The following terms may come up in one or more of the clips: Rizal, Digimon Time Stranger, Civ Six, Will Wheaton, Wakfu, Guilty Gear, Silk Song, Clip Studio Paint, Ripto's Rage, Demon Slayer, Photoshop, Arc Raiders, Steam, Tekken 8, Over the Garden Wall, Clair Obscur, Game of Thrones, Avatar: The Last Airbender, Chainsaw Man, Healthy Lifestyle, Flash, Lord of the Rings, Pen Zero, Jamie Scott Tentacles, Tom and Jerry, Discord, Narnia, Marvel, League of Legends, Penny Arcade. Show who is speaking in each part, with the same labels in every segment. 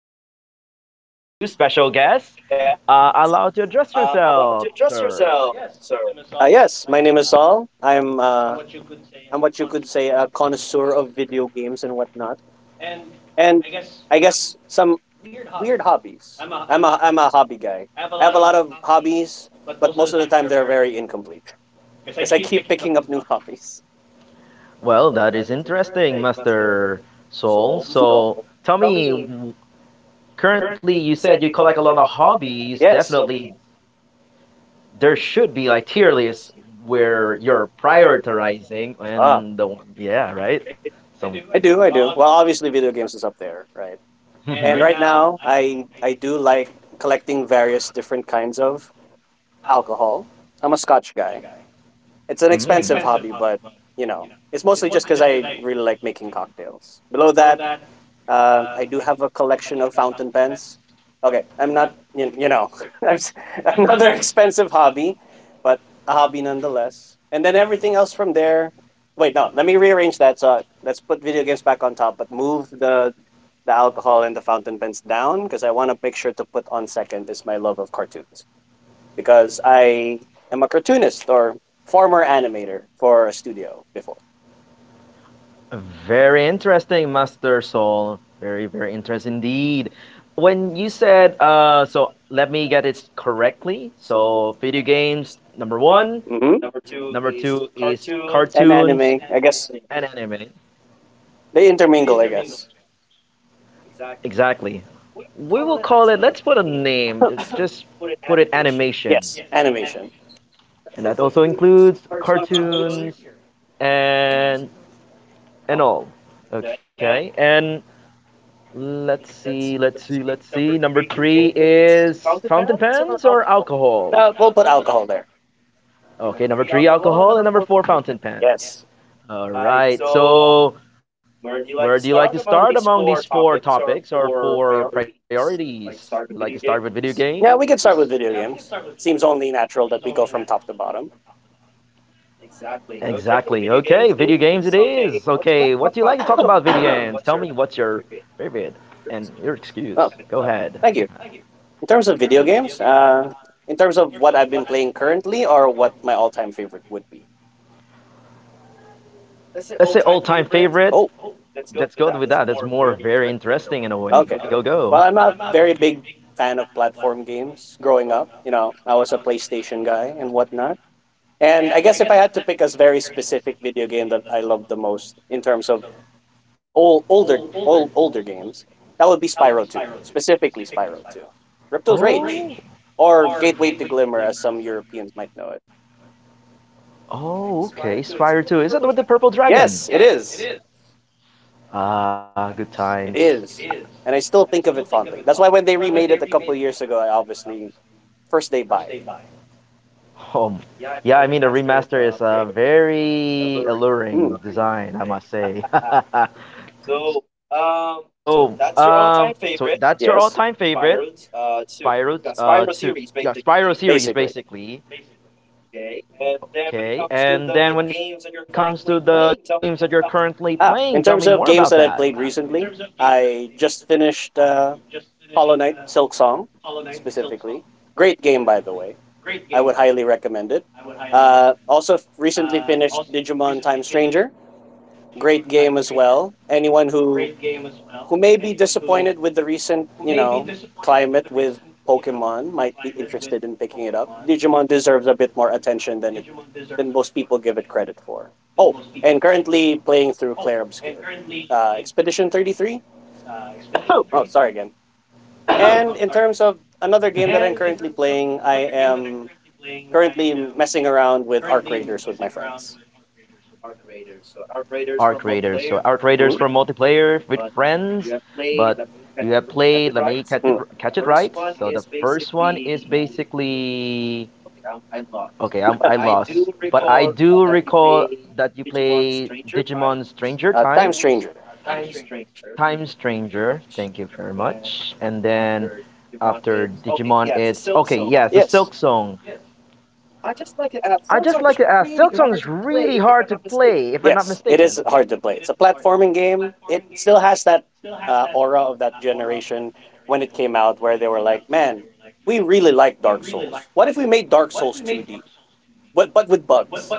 Speaker 1: James, and with a new special guest. Allowed to address yourself, sir.
Speaker 2: Yes, my name is Saul. I'm what you could say a connoisseur of video games and whatnot, and I guess some weird hobbies. I'm a hobby guy. I have a lot of hobbies, but most of the time they're very incomplete because I keep picking up new hobbies.
Speaker 1: Well, that is interesting, Master Soul. So, tell me, currently you said you collect a lot of hobbies.
Speaker 2: Yes.
Speaker 1: Definitely there should be like tier lists where you're prioritizing and the
Speaker 2: Ah.
Speaker 1: one, yeah, right. So
Speaker 2: I do, I
Speaker 1: so
Speaker 2: do. Well, obviously, video games is up there, right? And right now, I do like collecting various different kinds of alcohol. I'm a Scotch guy.
Speaker 1: Mm.
Speaker 2: It's an expensive
Speaker 1: Mm.
Speaker 2: hobby, but it's mostly just because I really like making cocktails. Below that, I do have a collection of fountain pens. Okay, I'm not, I'm s- another expensive hobby, but a hobby nonetheless. And then everything else from there. Wait, no, let me rearrange that. So let's put video games back on top, but move the alcohol and the fountain pens down because I want a picture to put on second is my love of cartoons because I am a cartoonist or former animator for a studio before.
Speaker 1: Very interesting, Master Soul. Very, very interesting indeed. When you said, so let me get it correctly. So, video games, number one.
Speaker 2: hmm
Speaker 1: Number two is
Speaker 2: And
Speaker 1: cartoons
Speaker 2: anime, I guess
Speaker 1: and anime.
Speaker 2: they intermingle, I guess.
Speaker 1: Exactly. We will call it. Let's put a name. Just put it animation,
Speaker 2: Yes, animation.
Speaker 1: and that also includes cartoons and and all. Okay. And let's see. Let's see. Let's see. Number three is fountain pens or alcohol.
Speaker 2: We'll put alcohol there.
Speaker 1: Okay. Number three, alcohol, and number four, fountain pens.
Speaker 2: Yes.
Speaker 1: All right. So, where do you like to start among these four topics or four priorities? You like to start with video
Speaker 2: Yeah,
Speaker 1: games?
Speaker 2: we could start with video games. Seems only natural that we go from top to bottom.
Speaker 1: Exactly. Okay, video games it is. Okay, what do you like to talk about video games? Tell me what's your favorite and your excuse.
Speaker 2: Oh,
Speaker 1: Go ahead.
Speaker 2: thank you. In terms of video games, in terms of what I've been playing currently or what my all time favorite would be.
Speaker 1: Let's say all time favorite.
Speaker 2: Oh,
Speaker 1: Let's go with that. That's more very interesting in a way.
Speaker 2: okay. go
Speaker 1: Go,
Speaker 2: Well,
Speaker 1: go.
Speaker 2: I'm a very big fan of platform games growing up. You know, I was a PlayStation guy and whatnot. And I guess if I had to pick a very specific video game that I love the most in terms of old, older games, that would be Spyro 2, specifically Spyro 2. Ripto's
Speaker 1: Oh,
Speaker 2: Rage or Gateway to Glimmer as some Europeans might know it.
Speaker 1: oh, okay. Spyro 2. Is that with the purple dragon?
Speaker 2: Yes, it is.
Speaker 1: Ah, good times.
Speaker 2: It is. And I still think of it fondly. That's why when they remade it a couple of years ago, I obviously first day buy.
Speaker 1: Um, yeah, I mean, the remaster is a very
Speaker 2: Hmm,
Speaker 1: alluring design, I must say. So, so that's your
Speaker 2: yes,
Speaker 1: all-time favorite. Spiral two, yeah, Spiral series
Speaker 2: basically.
Speaker 1: basically. Okay. And then when it comes to the games that you're currently playing, tell me
Speaker 2: Ah,
Speaker 1: more
Speaker 2: in
Speaker 1: about
Speaker 2: terms of
Speaker 1: that.
Speaker 2: games that I've played recently, I just finished Hollow Knight Silk Song specifically. Great game, by the way. I would highly recommend it. Also, recently finished Digimon Time Stranger. Great game as well. Anyone who may be disappointed with the recent, climate with Pokemon might be interested in picking it up. Digimon deserves a bit more attention than most people give it credit for. Oh, and currently playing through Clair Obscur. Expedition 33? Oh, sorry again. And in terms of another game that I'm currently playing, I am currently messing around with Arc Raiders with my friends.
Speaker 1: Arc Raiders. So Arc Raiders for
Speaker 2: Mhm.
Speaker 1: multiplayer with friends, but you have played, let me
Speaker 2: Mm.
Speaker 1: catch it right. So the first one is basically okay, I lost. But I do recall that you play Digimon Stranger
Speaker 2: Time
Speaker 1: Times.
Speaker 2: Stranger.
Speaker 1: Time Stranger. Thank you very much. And then after Digimon, it's okay. Yes, the
Speaker 2: Yes.
Speaker 1: Silk Song. I just like to ask. Silk Song is really hard to play, if I'm not
Speaker 2: Yes, it is
Speaker 1: mistaken.
Speaker 2: hard to play. It's a platforming game. It still has that aura of that generation when it came out, where they were like, "Man, we really like Dark Souls. What if we made Dark Souls 2D, but with bugs?"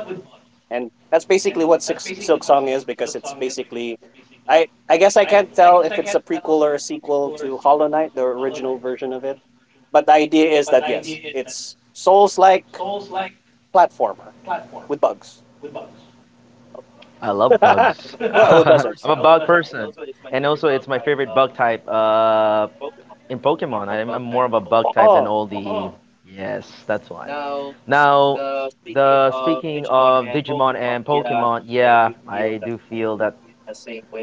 Speaker 2: And that's basically what Silk Song is because it's basically I guess I can't tell if it's a prequel or a sequel to Hollow Knight, the original version of it. But the idea is that yes, it's Souls-like platformer with bugs.
Speaker 1: I love bugs.
Speaker 2: Well, it
Speaker 1: I'm
Speaker 2: doesn't.
Speaker 1: a bug person, and also it's my favorite bug type. In Pokemon, I'm more of a bug type than
Speaker 2: Oh,
Speaker 1: all the. Yes, that's why. Now, the speaking of Digimon and Pokemon, yeah, I do feel that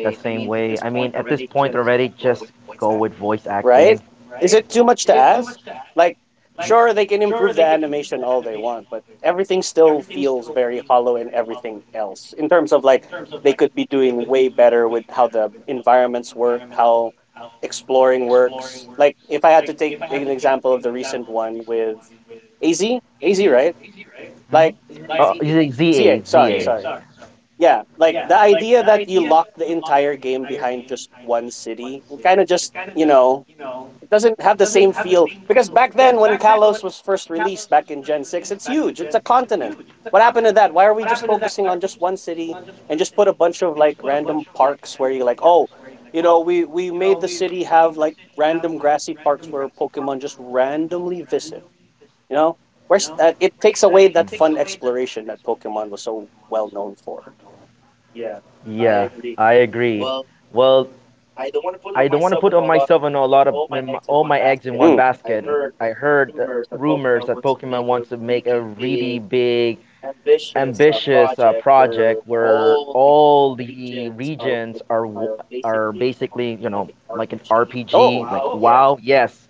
Speaker 1: the same way. I mean, at this point already, just go with voice
Speaker 2: right?
Speaker 1: acting.
Speaker 2: Is it too much to ask? Like, sure, they can improve the animation all they want, but everything still feels very hollow and everything else in terms of like they could be doing way better with how the environments work, how exploring works. Like, if I had to take an example of the recent one with AZ, AZ, right? Like,
Speaker 1: Mm-hmm. Oh,
Speaker 2: ZA,
Speaker 1: A,
Speaker 2: sorry,
Speaker 1: Z A.
Speaker 2: sorry. Yeah, like the idea that you lock the entire game behind just one city, kind of just, it doesn't have the same feel because back then when Kalos was first released back in Gen 6, it's huge. It's a continent. What happened to that? Why are we just focusing on just one city and just put a bunch of like random parks where you're like, "Oh, we made the city have like random grassy parks where Pokemon just randomly visit." You know? Where's It takes away that fun
Speaker 1: Mm.
Speaker 2: exploration that Pokemon was so well known for.
Speaker 1: Yeah, I agree. Well, I don't want to put on myself and a lot of all my eggs in
Speaker 2: Question.
Speaker 1: one
Speaker 2: Mm.
Speaker 1: basket. I heard rumors that Pokemon wants to make a really big ambitious project where all the regions are are basically, you know, like an
Speaker 2: Oh.
Speaker 1: RPG, like WoW, yes,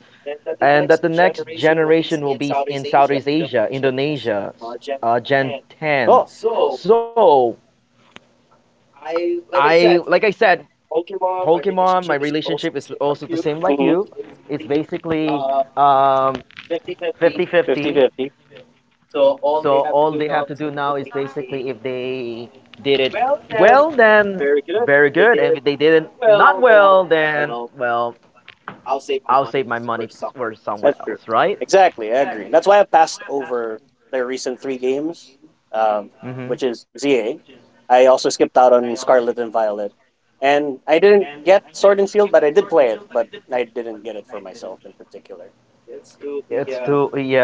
Speaker 1: and that the next generation will be in Southeast Asia, Indonesia, Gen ten.
Speaker 2: Oh.
Speaker 1: So I like I said, Pokemon. My relationship is also the same like
Speaker 2: Mhm.
Speaker 1: you. It's basically um, 50-50.
Speaker 2: 50-50.
Speaker 1: So all they have to do now is basically if they did it well, then very good, and if they didn't not well, then well, I'll save my money for somewhere
Speaker 2: That's true.
Speaker 1: else, right?
Speaker 2: Exactly, I agree. That's why I passed over their recent three games, um, which
Speaker 1: Hmm.
Speaker 2: is ZA. I also skipped out on Scarlet and Violet. And I didn't get Sword and Shield, but I did play it, but I didn't get it for myself in particular.
Speaker 1: It's too, yeah,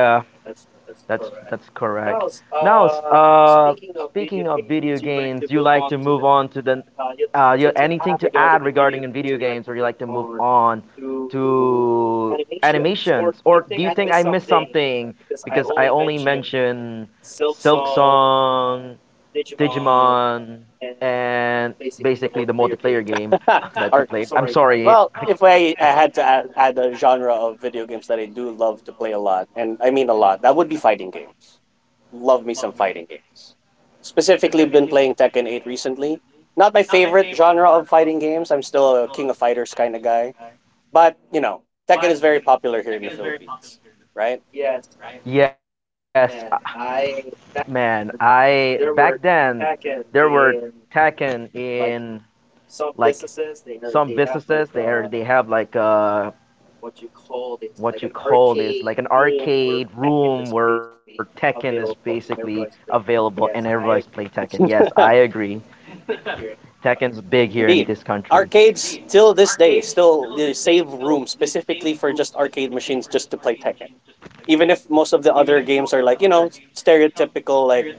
Speaker 1: that's correct. Now, speaking of video games, you like to move on to the you have anything to add regarding in video games, or you like to move on to animations, or do you think I missed something because I only mentioned Silk Song, Digimon, and basically the multiplayer game that you
Speaker 2: Or
Speaker 1: played? I'm sorry.
Speaker 2: well, if I had to add a genre of video games that I do love to play a lot, and I mean a lot, that would be fighting
Speaker 1: Games,
Speaker 2: games. Love me some fighting games. Specifically, been playing Tekken 8 recently. Not my favorite genre of fighting games. I'm still a King of Fighters kind of guy. But, Tekken is very popular here in the Philippines, right?
Speaker 1: yes, man, I back then there were Tekken in like some businesses they are they have like what you call this like an arcade room where Tekken is basically available and everybody's play Tekken. Yes, I agree. Tekken's big here in this
Speaker 2: Indeed.
Speaker 1: country.
Speaker 2: Arcades, till this day, still they save room specifically for just arcade machines just to play Tekken. Even if most of the other games are like, stereotypical, like,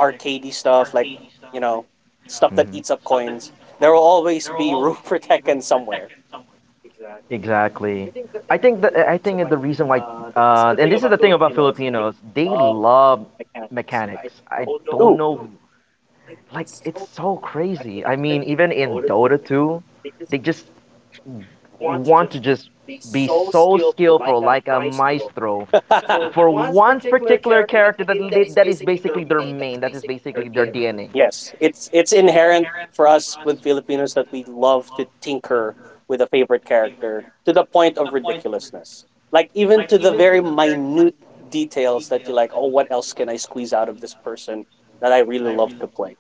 Speaker 2: arcadey stuff like you know stuff that
Speaker 1: Hmm.
Speaker 2: eats up coins, there will always be room for Tekken somewhere.
Speaker 1: Exactly. I think the reason why, and this is the thing about Filipinos, they love mechanics. I don't
Speaker 2: Ooh.
Speaker 1: know, like it's so crazy. I mean, even in Dota 2, they just want to just be so skillful, like a maestro, for one particular character that that is basically their main, that is basically their DNA.
Speaker 2: Yes, it's inherent for us with Filipinos that we love to tinker with a favorite character to the point of ridiculousness. Like even to the very minute details that you like, oh, what else can I squeeze out of this person that I really love to play?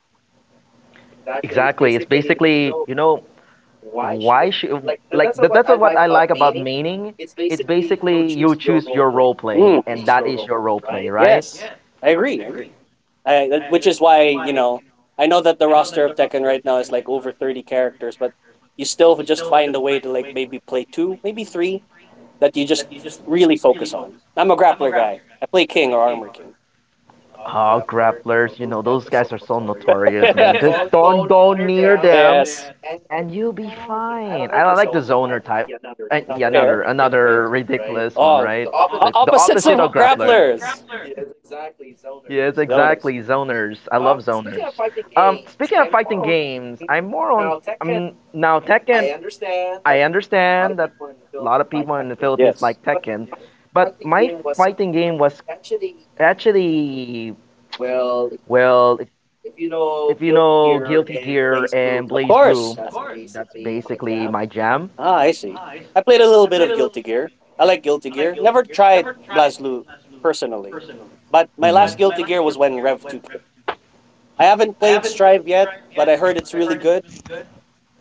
Speaker 1: Exactly. It's basically, you know, why should like that, that's what I like about maining. It's basically you choose your role play,
Speaker 2: Mm.
Speaker 1: and
Speaker 2: It's
Speaker 1: that
Speaker 2: your
Speaker 1: is
Speaker 2: role,
Speaker 1: your role play,
Speaker 2: right?
Speaker 1: right?
Speaker 2: Yes, I agree. I agree. Which is why I know that the roster of Tekken right now is like over 30 characters, but you still just find a way to like maybe play two, maybe three that you just really focus on. I'm a grappler guy. I play King or Armor King.
Speaker 1: Oh, grapplers, you know, those guys are so notorious, man. Just don't go near them
Speaker 2: Yes.
Speaker 1: and you'll be fine. I like the zoner type. Yeah, another ridiculous one, right?
Speaker 2: Oh,
Speaker 1: The oh, opposite
Speaker 2: opposites
Speaker 1: of
Speaker 2: of
Speaker 1: grappler.
Speaker 2: grapplers.
Speaker 1: Yes, exactly. Zoners. I Oh, love zoners. Speaking of fighting games, I'm more on now Tekken. I understand that a lot of people in the Philippines like
Speaker 2: Yes.
Speaker 1: Tekken, but my fighting game was actually well. If you know Guilty Gear and
Speaker 2: Of
Speaker 1: Blaze
Speaker 2: course.
Speaker 1: Blue, of that's basically my jam.
Speaker 2: Ah, I see. I played a little bit of Guilty Gear. I like Guilty Gear. Never tried Blazblue personally, but my
Speaker 1: Mm.
Speaker 2: last Guilty Gear was when Rev 2 came. I haven't played Strive yet, but I heard it's really good.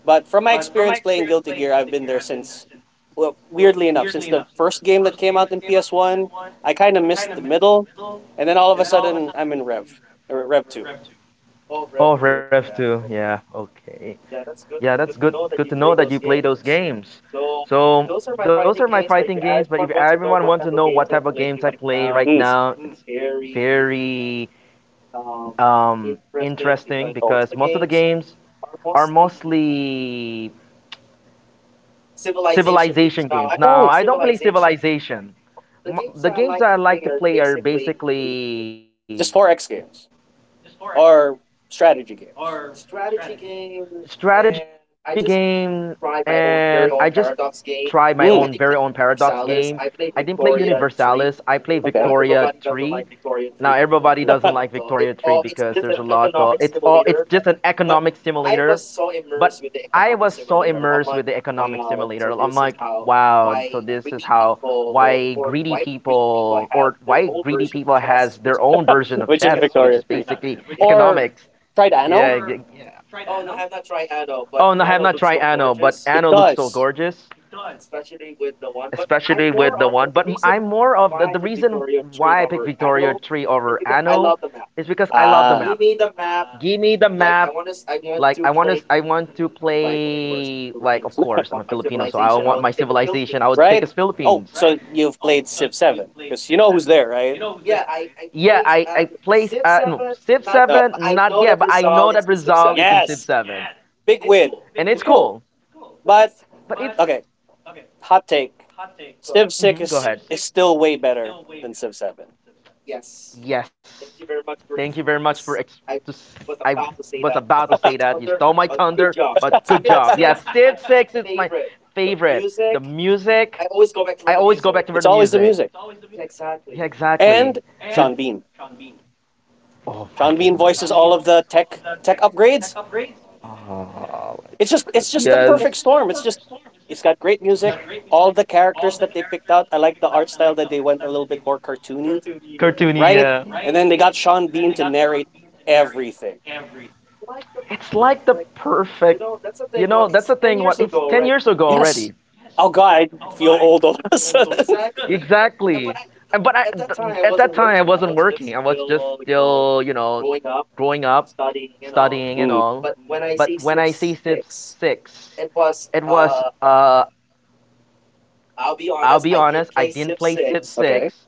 Speaker 2: But from my experience playing Guilty Gear, I've been there since, well, weirdly enough, since the first game that came out in PS1. I kind of missed the middle, and then all of a sudden, I'm in Rev, or Rev 2.
Speaker 1: Oh, Rev 2. Yeah, okay. Yeah, that's good to know that you play those games. So, those are my
Speaker 2: Games.
Speaker 1: fighting games, but if
Speaker 2: I
Speaker 1: everyone wants to know what type of
Speaker 2: like.
Speaker 1: games I play right
Speaker 2: Mm.
Speaker 1: now, it's very interesting because most of the games are mostly civilization
Speaker 2: Oh.
Speaker 1: games.
Speaker 2: Oh.
Speaker 1: Now, I don't play civilization. The games that I like to play are basically
Speaker 2: Just 4X games are strategy games.
Speaker 1: strategy game, and I just try my own very own
Speaker 2: Mm. Mm,
Speaker 1: Paradox game. I didn't play Universalis. I play
Speaker 2: okay.
Speaker 1: Victoria 3. Now everybody doesn't like Victoria 3 because there's a lot of it's all it's just an economic simulator, but I was so immersed with the economic simulator. I'm like, wow, so this is how why greedy people or why greedy people has their own version of
Speaker 2: Which
Speaker 1: chess, which is
Speaker 2: 3.
Speaker 1: basically economics.
Speaker 2: Tried Anno?
Speaker 1: Yeah, yeah. Oh, no, I have not tried Anno, but
Speaker 2: It
Speaker 1: Anno looks so
Speaker 2: does.
Speaker 1: gorgeous, especially with the one. But I'm more of the reason why I picked Victoria 3 over Anno is because I love the
Speaker 2: Ah,
Speaker 1: map. Give me the map, like I want to play, like of course I'm a Filipino so I want my civilization I would pick
Speaker 2: right?
Speaker 1: as
Speaker 2: Oh,
Speaker 1: Philippines.
Speaker 2: so you've played Civ 7 because you know who's there, right?
Speaker 1: Yeah,
Speaker 2: Played.
Speaker 1: I place no, Civ
Speaker 2: No.
Speaker 1: Seven not yet, but I know that Rizal is in Civ
Speaker 2: Yes,
Speaker 1: Seven,
Speaker 2: big win.
Speaker 1: and
Speaker 2: It's
Speaker 1: it's
Speaker 2: cool,
Speaker 1: cool.
Speaker 2: but
Speaker 1: But it's
Speaker 2: okay. Hot take: Civ 6
Speaker 1: hmm, go ahead.
Speaker 2: is still way better than Civ 7.
Speaker 1: Yes, thank you very much for I was about to say that you stole my thunder, but good job. Yeah, Civ Six is my favorite. The music, I always go back to
Speaker 2: It's
Speaker 1: the
Speaker 2: always the
Speaker 1: music.
Speaker 2: music
Speaker 1: Yeah,
Speaker 2: and
Speaker 1: exactly.
Speaker 2: Sean Bean.
Speaker 1: Oh
Speaker 2: Sean
Speaker 1: my
Speaker 2: Bean voices
Speaker 1: goodness.
Speaker 2: all of the tech upgrades.
Speaker 1: Characters. Oh
Speaker 2: It's
Speaker 1: my
Speaker 2: just it's
Speaker 1: goodness.
Speaker 2: just the
Speaker 1: Yes.
Speaker 2: perfect
Speaker 1: It's just-
Speaker 2: storm. It's just it's got great music. All the characters that they picked out, I like the art style that they went a little bit more cartoony, Cartoony, yeah,
Speaker 1: Cartoony,
Speaker 2: right?
Speaker 1: yeah.
Speaker 2: And then they got Sean Bean to narrate everything.
Speaker 1: It's like the perfect, you know, that's the thing. What it's 10 years ago
Speaker 2: Yes.
Speaker 1: already.
Speaker 2: Oh God, I feel old all of a sudden.
Speaker 1: Exactly. And but I th at that time I wasn't working. I was just still, you know, growing up, studying and
Speaker 2: Mm,
Speaker 1: all. But when I see Civ 6, it was I'll be honest, I didn't play Civ
Speaker 2: okay.
Speaker 1: 6,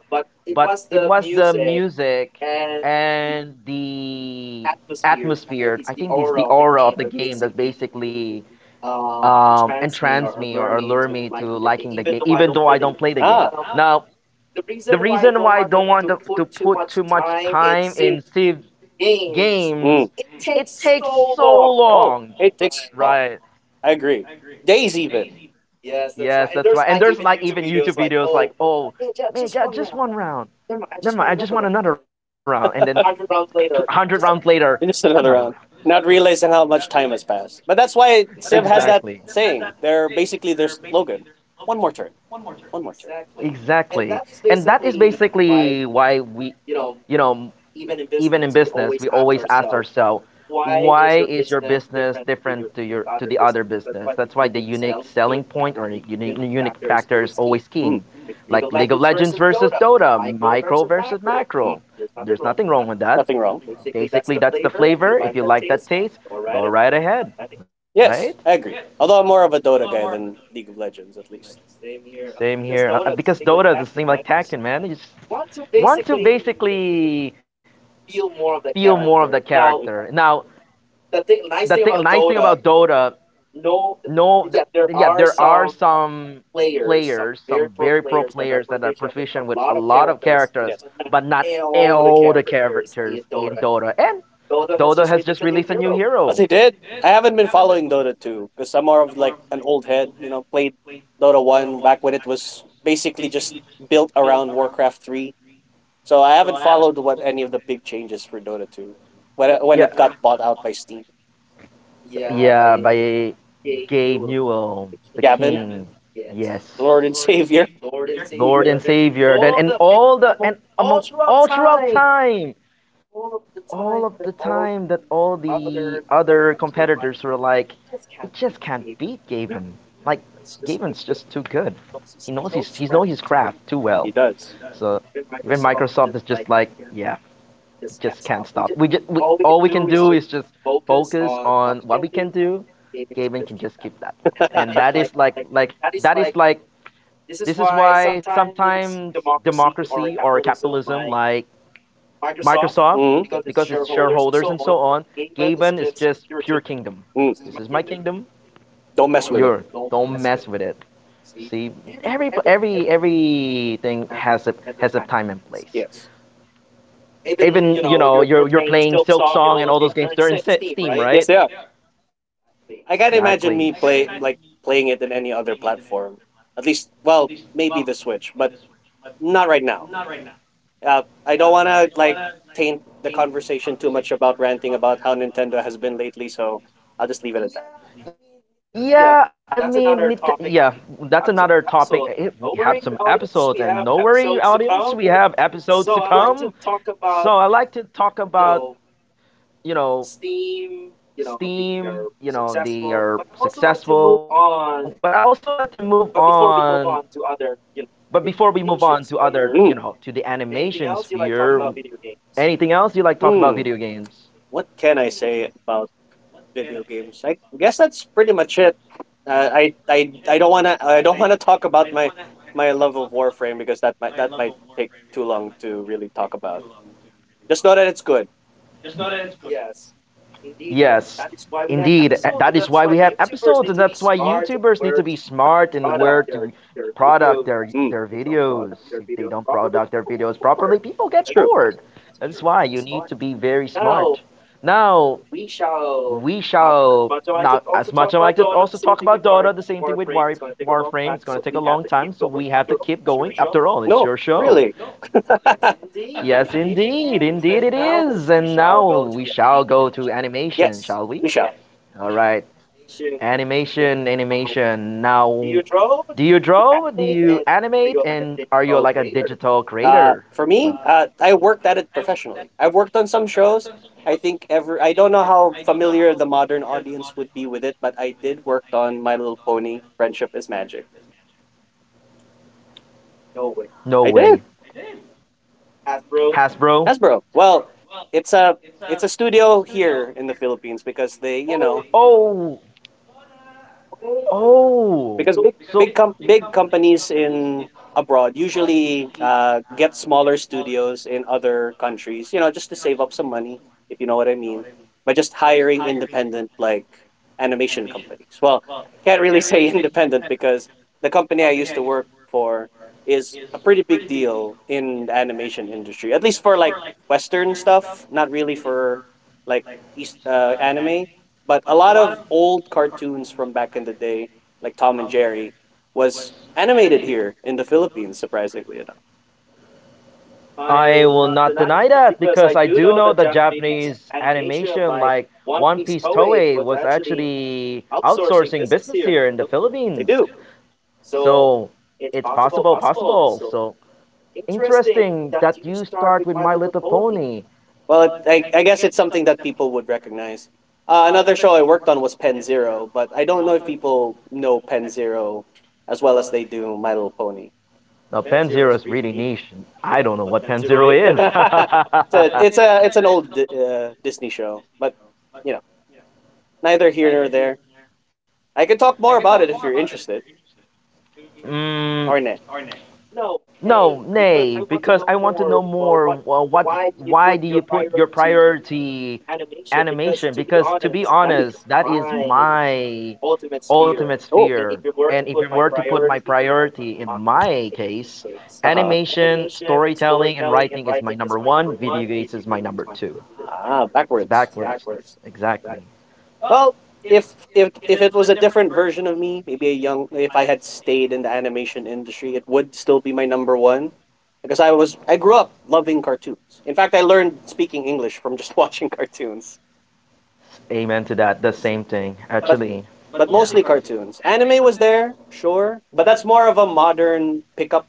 Speaker 1: but it was the music and the atmosphere. I think it's the aura of the game that basically entranced me or lured me to liking the game, even though I don't play the game.
Speaker 2: Ah.
Speaker 1: Now, the reason why I don't want to put too much time in Civ
Speaker 2: Mm.
Speaker 1: games, it takes so
Speaker 2: Oh,
Speaker 1: long.
Speaker 2: it takes. Right. Long.
Speaker 1: Right.
Speaker 2: I agree. Days even.
Speaker 1: Yes, that's right. And there's like even YouTube videos like, oh, man, just one round. Never mind, I just want another round. And then 100 rounds later, just another
Speaker 2: Just
Speaker 1: round.
Speaker 2: another round. Not realizing how much time has passed. But that's why Civ has
Speaker 1: Exactly.
Speaker 2: that saying. They're basically their slogan. One more turn. One more exactly. Turn.
Speaker 1: Exactly. And that is basically why we, you know, even in business, we always ask ourselves, why is your business different to your to the other business? That's why the unique selling point or unique factor is always
Speaker 2: Mm,
Speaker 1: king. Like League of Legends versus Dota, micro versus macro. There's nothing wrong with that.
Speaker 2: nothing wrong.
Speaker 1: Basically, that's the flavor. If you like that taste, go right ahead, right?
Speaker 2: Yes, I agree. Although I'm more of a Dota guy than League of Legends, at least.
Speaker 1: Same here. Because Dota is the same like Tekken, man. You just want to basically feel more of the character. Now, nice thing about Dota, no, yeah, there are some players, some very pro players that are proficient with a lot of characters, but not all the characters in Dota. And Dota has just released a new
Speaker 2: But
Speaker 1: hero.
Speaker 2: they did. I haven't been following Dota 2 because I'm more of like an old head, played Dota 1 back when it was basically just built around Warcraft 3. So I haven't followed what any of the big changes for Dota 2 when
Speaker 1: Yeah,
Speaker 2: it got bought out by Steam.
Speaker 1: yeah, by Gabe Newell, the
Speaker 2: Gavin?
Speaker 1: King. Yes,
Speaker 2: Lord and Savior.
Speaker 1: Lord and Savior. Then and all the and among all throughout time, all of the time that all the other competitors were like, we just can't beat Gaven. Like Gaven's just too good. He knows his craft too well.
Speaker 2: He does.
Speaker 1: So even Microsoft is just like, yeah, we just can't stop. All we can do is just focus on what we can do. Gaven can just keep that, and that is that is like this is why sometimes democracy or capitalism like Microsoft
Speaker 2: Hmm.
Speaker 1: because it's shareholders and so on. Gaben is just pure kingdom.
Speaker 2: This.
Speaker 1: This is my kingdom.
Speaker 2: Don't mess with it.
Speaker 1: Your don't mess with it. See, every everything has a time and place.
Speaker 2: Yes.
Speaker 1: Even you're playing Silk Song and all those games. They're in Steam,
Speaker 2: Yes,
Speaker 1: right?
Speaker 2: they are. I can't
Speaker 1: Exactly.
Speaker 2: imagine me play like playing it in any other platform. At least, well, maybe the Switch, but not right now. I don't want to like taint the conversation too much about ranting about how Nintendo has been lately, so I'll just leave it at that.
Speaker 1: I it. Yeah, I mean, yeah, that's another topic. We have some episodes, and no worry, audience, we have episodes to come. So I like to talk about, you know, Steam. You know, they are successful, but I also like to move on. But before we move on to other, to the
Speaker 2: Mm.
Speaker 1: animation sphere, anything else you like talk about video
Speaker 2: Hmm.
Speaker 1: games?
Speaker 2: What can I say about video games? I guess that's pretty much it. I don't wanna talk about my love of Warframe because that might take too long to really talk about. Just know that it's good.
Speaker 1: Yes, indeed. That is why we have episodes, and that's why YouTubers need to be smart in where to
Speaker 2: Your video.
Speaker 1: product their
Speaker 2: Mm,
Speaker 1: their videos. If they don't product their videos properly, people
Speaker 2: it's
Speaker 1: get
Speaker 2: true.
Speaker 1: bored. That is why you need to be very smart. Now we shall now as much as I like to also talk about Dota, the same thing with Warframe. It's gonna take a long time, so we have to keep going. After all, it's
Speaker 2: No,
Speaker 1: your show.
Speaker 2: really.
Speaker 1: Yes, indeed, indeed it is. And now we shall go to animation,
Speaker 2: Yes,
Speaker 1: shall we?
Speaker 2: we shall.
Speaker 1: All right. Animation, animation. Now, do you draw? Do you animate? And are you like a digital
Speaker 2: Uh,
Speaker 1: creator?
Speaker 2: for me,
Speaker 1: When-
Speaker 2: I worked at it professionally. I've worked on some shows. I think ever. I don't know how familiar the modern audience would be with it, but I did worked on My Little Pony: Friendship is Magic.
Speaker 1: no
Speaker 2: I did.
Speaker 1: way. Hasbro?
Speaker 2: Hasbro. Well, it's a it's a studio here in the Philippines because they,
Speaker 1: Oh,
Speaker 2: because
Speaker 1: oh.
Speaker 2: big big
Speaker 1: So
Speaker 2: com- big companies in abroad usually get smaller studios in other countries, you know, just to save up some money, if you know what I mean, by just hiring independent, like, animation companies. Well, I can't really say independent because the company I used to work for is a pretty big deal in the animation industry, at least for like Western stuff, not really for like east, anime. But a lot of old cartoons from back in the day, like Tom and Jerry, was animated here in the Philippines, surprisingly enough.
Speaker 1: I will not deny that because I do know that Japanese animation, like One Piece Toei, was actually outsourcing business here in the Philippines. So it's possible, possible. So interesting that you start with My Little Pony.
Speaker 2: Well, I guess it's something that people would recognize. Another show I worked on was Pen Zero, but I don't know if people know Pen Zero as well as they do My Little Pony.
Speaker 1: Now Pen is really niche. I don't know what Pen is.
Speaker 2: it's a it's a it's an old Disney show, but, you know, neither here nor there. I could talk more about it if you're interested.
Speaker 1: Mm,
Speaker 2: Arnett.
Speaker 1: No, nay, because I want to know more. Well, what? Why do you put your priority animation? Because to be honest, that is my ultimate
Speaker 2: Oh.
Speaker 1: sphere. And if you were to put my priority in my
Speaker 2: Uh huh.
Speaker 1: case, animation, storytelling, and writing is my number one. Video games is my number two.
Speaker 2: Ah, backwards.
Speaker 1: It's backwards, exactly.
Speaker 2: Well, if if if it was a different version of me, maybe a young— if I had stayed in the animation industry, it would still be my number one. Because I grew up loving cartoons. In fact, I learned speaking English from just watching cartoons.
Speaker 1: Amen to that. The same thing,
Speaker 2: but
Speaker 1: actually.
Speaker 2: but mostly
Speaker 1: Yeah.
Speaker 2: cartoons. Anime was there, sure, but that's more of a modern pickup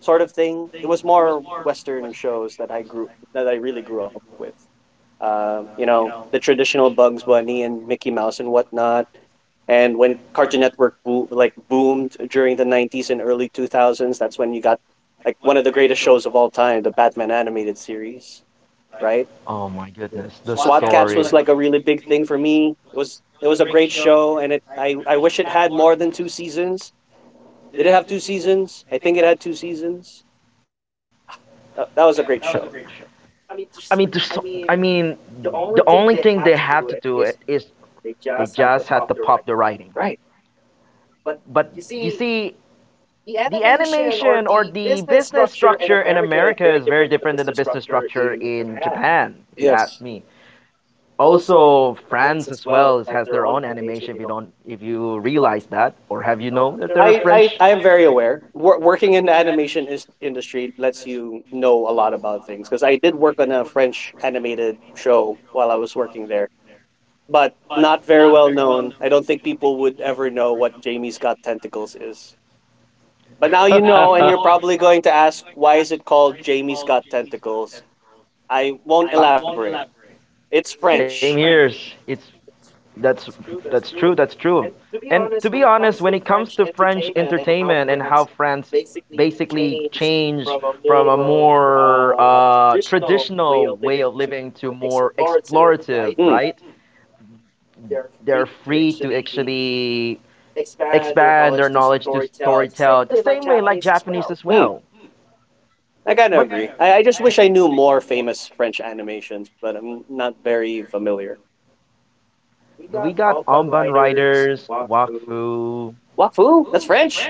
Speaker 2: sort of thing. It was more Western shows that I really grew up with. You know, the traditional Bugs Bunny and Mickey Mouse and whatnot. And when Cartoon Network boomed during the 90s and early 2000s, that's when you got like one of the greatest shows of all time, the Batman animated series, right?
Speaker 1: Oh my goodness,
Speaker 2: SWAT
Speaker 1: the
Speaker 2: Cats was like a
Speaker 1: story.
Speaker 2: really big thing for me. It was a great show, and it I wish it had more than two seasons. Did it have two seasons? I think it had two seasons. That was a great show.
Speaker 1: I mean, there's. So, I mean, the only thing they have to do it is they just have to pop the writing. But you see, the animation or the business structure in America is very different than the business structure in Japan, if you
Speaker 2: Yes.
Speaker 1: ask me. Also, France as well has their own animation. If you don't, if you realize that, or
Speaker 2: You
Speaker 1: have
Speaker 2: know?
Speaker 1: you known that
Speaker 2: I,
Speaker 1: they're
Speaker 2: I, I am
Speaker 1: French?
Speaker 2: very aware. Working in the industry lets you know a lot about things, because I did work on a French animated show while I was working there, but not very well known. I don't think people would ever know what Jamie Scott Tentacles is. But now you know, and you're probably going to ask, why is it called Jamie's Got Tentacles? I won't elaborate. It's French.
Speaker 1: Same here. It's that's that's true. That's true. And to be honest, when it comes to French entertainment and how France basically changed from a more traditional way of living to more explorative,
Speaker 2: Mm,
Speaker 1: right? They're free to actually expand their knowledge to storytell the same way like Japanese as
Speaker 2: mm,
Speaker 1: well.
Speaker 2: I kind of agree. I just wish I knew more famous French animations, but I'm not very familiar.
Speaker 1: We got Alban Riders, Wakfu.
Speaker 2: Wafu? That's French?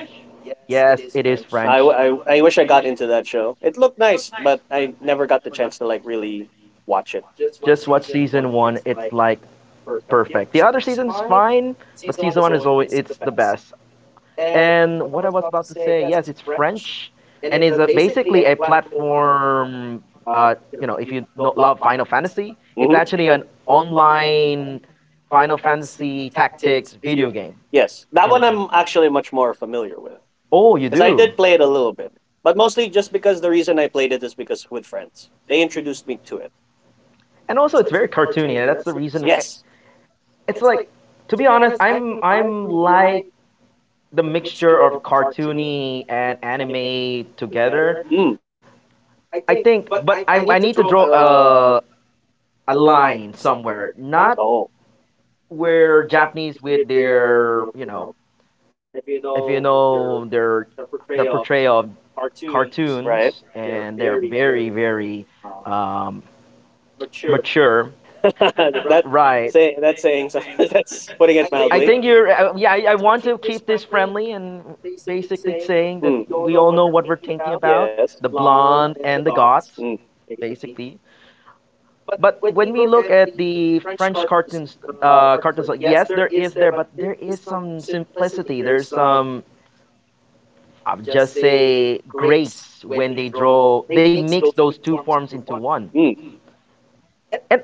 Speaker 1: Yes, it is
Speaker 2: I
Speaker 1: French.
Speaker 2: I I wish I got into that show. It looked nice, but I never got the chance to like really watch it.
Speaker 1: Just watch season one. It's like perfect. The other season's fine, but season one is always it's the best. And what I was about to say, yes, it's French, and is a, basically a platform. You know, if you no love Final Fantasy, it's
Speaker 2: Mhm.
Speaker 1: actually an online Final Fantasy Tactics video game. You
Speaker 2: Yes, that one
Speaker 1: know.
Speaker 2: I'm actually much more familiar with
Speaker 1: Oh, you
Speaker 2: because I did
Speaker 1: do.
Speaker 2: did play it a little bit, but mostly just because the reason I played it is because with friends they introduced me to it.
Speaker 1: And also, it's very cartoony. And That's the reason.
Speaker 2: Yes.
Speaker 1: It's like, to be honest, I'm like the mixture of cartoony and anime together.
Speaker 2: Mm.
Speaker 1: I think, but I need to draw a line somewhere, not
Speaker 2: Oh,
Speaker 1: where Japanese with their if you know their portrayal of cartoons
Speaker 2: right.
Speaker 1: and they're very um, mature,
Speaker 2: bright. That
Speaker 1: right?
Speaker 2: saying so. that's putting it
Speaker 1: I
Speaker 2: mildly.
Speaker 1: think you're yeah. I want to keep this friendly and basically saying that
Speaker 2: Mm.
Speaker 1: we
Speaker 2: you
Speaker 1: all know what we're thinking about
Speaker 2: Yes.
Speaker 1: the blonde and the goth,
Speaker 2: Mm.
Speaker 1: basically. But when we look at the French cartoons, like, yes, there is there, but there is some simplicity. There's some, I'll just say, grace when they draw. They mix those two forms into one.
Speaker 2: Mm.
Speaker 1: And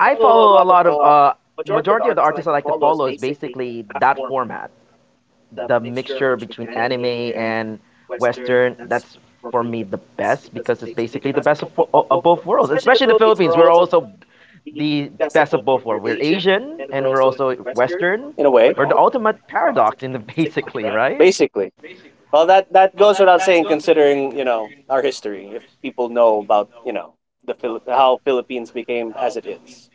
Speaker 1: I follow a lot of, majority of the artists I like to follow is basically that format. The mixture between anime and Western, that's for me the best because it's basically the best of, of both worlds, especially the Philippines. We're also the best of both worlds. We're Asian and we're also Western.
Speaker 2: In a way,
Speaker 1: We're the ultimate paradox in the basically, right?
Speaker 2: basically. Well, that that goes without saying, considering, you know, our history. If people know about, you know, the how Philippines became as it is,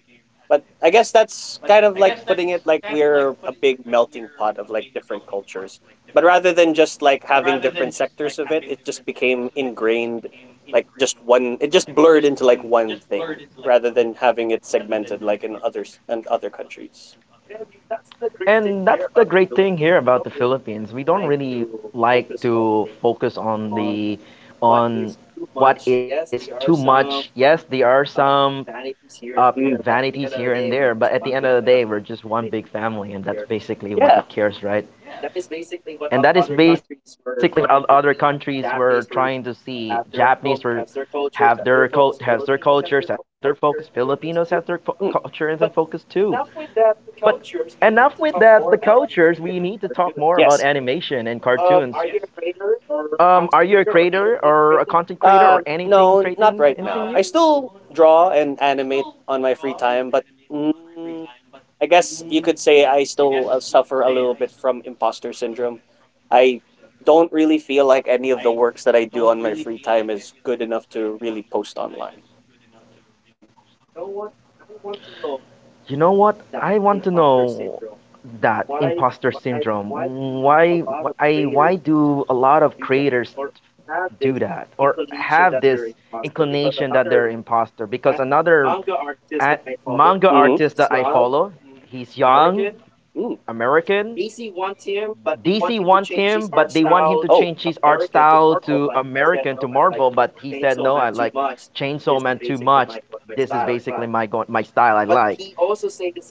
Speaker 2: but I guess that's kind of like putting it like we're a big melting pot of like different cultures. But rather than just like having different sectors of it, it just became ingrained, like just one. It just blurred into like one thing, rather than having it segmented like in others and other countries.
Speaker 1: And that's the great thing here about the Philippines. We don't really like to focus on the on what is too much. Yes, there are some
Speaker 2: Mm.
Speaker 1: vanities here and there, but at the end of the
Speaker 2: thing.
Speaker 1: day, we're just one big family, and that's basically
Speaker 2: Yeah.
Speaker 1: what it cares, right? And that is basically what other countries were trying to see. Japanese were has their cultures, have their focus. Filipinos have their
Speaker 2: Mm,
Speaker 1: cultures and focus too. But enough with that. The cultures. We need to talk more about
Speaker 2: yes.
Speaker 1: animation and cartoons. Are you a creator or a content creator
Speaker 2: Uh,
Speaker 1: or anything
Speaker 2: no, not
Speaker 1: creating
Speaker 2: right now.
Speaker 1: anything
Speaker 2: I
Speaker 1: new?
Speaker 2: still draw and animate on my free time, but mm, I guess you could say I still suffer a little bit from imposter syndrome. I don't really feel like any of the works that I do on my free time is good enough to really post online.
Speaker 1: You know what? I want to know that imposter syndrome. Why wh- I why do a lot of creators do that or have this inclination that they're imposter? Because another a manga
Speaker 2: Mm-hmm.
Speaker 1: artist that I follow, he's young,
Speaker 2: Mm.
Speaker 1: American, DC want him, but they want him to
Speaker 2: Oh,
Speaker 1: change his art style to American to Marvel. But he said no. I like Chainsaw Man too much. This is basically my my style. I like.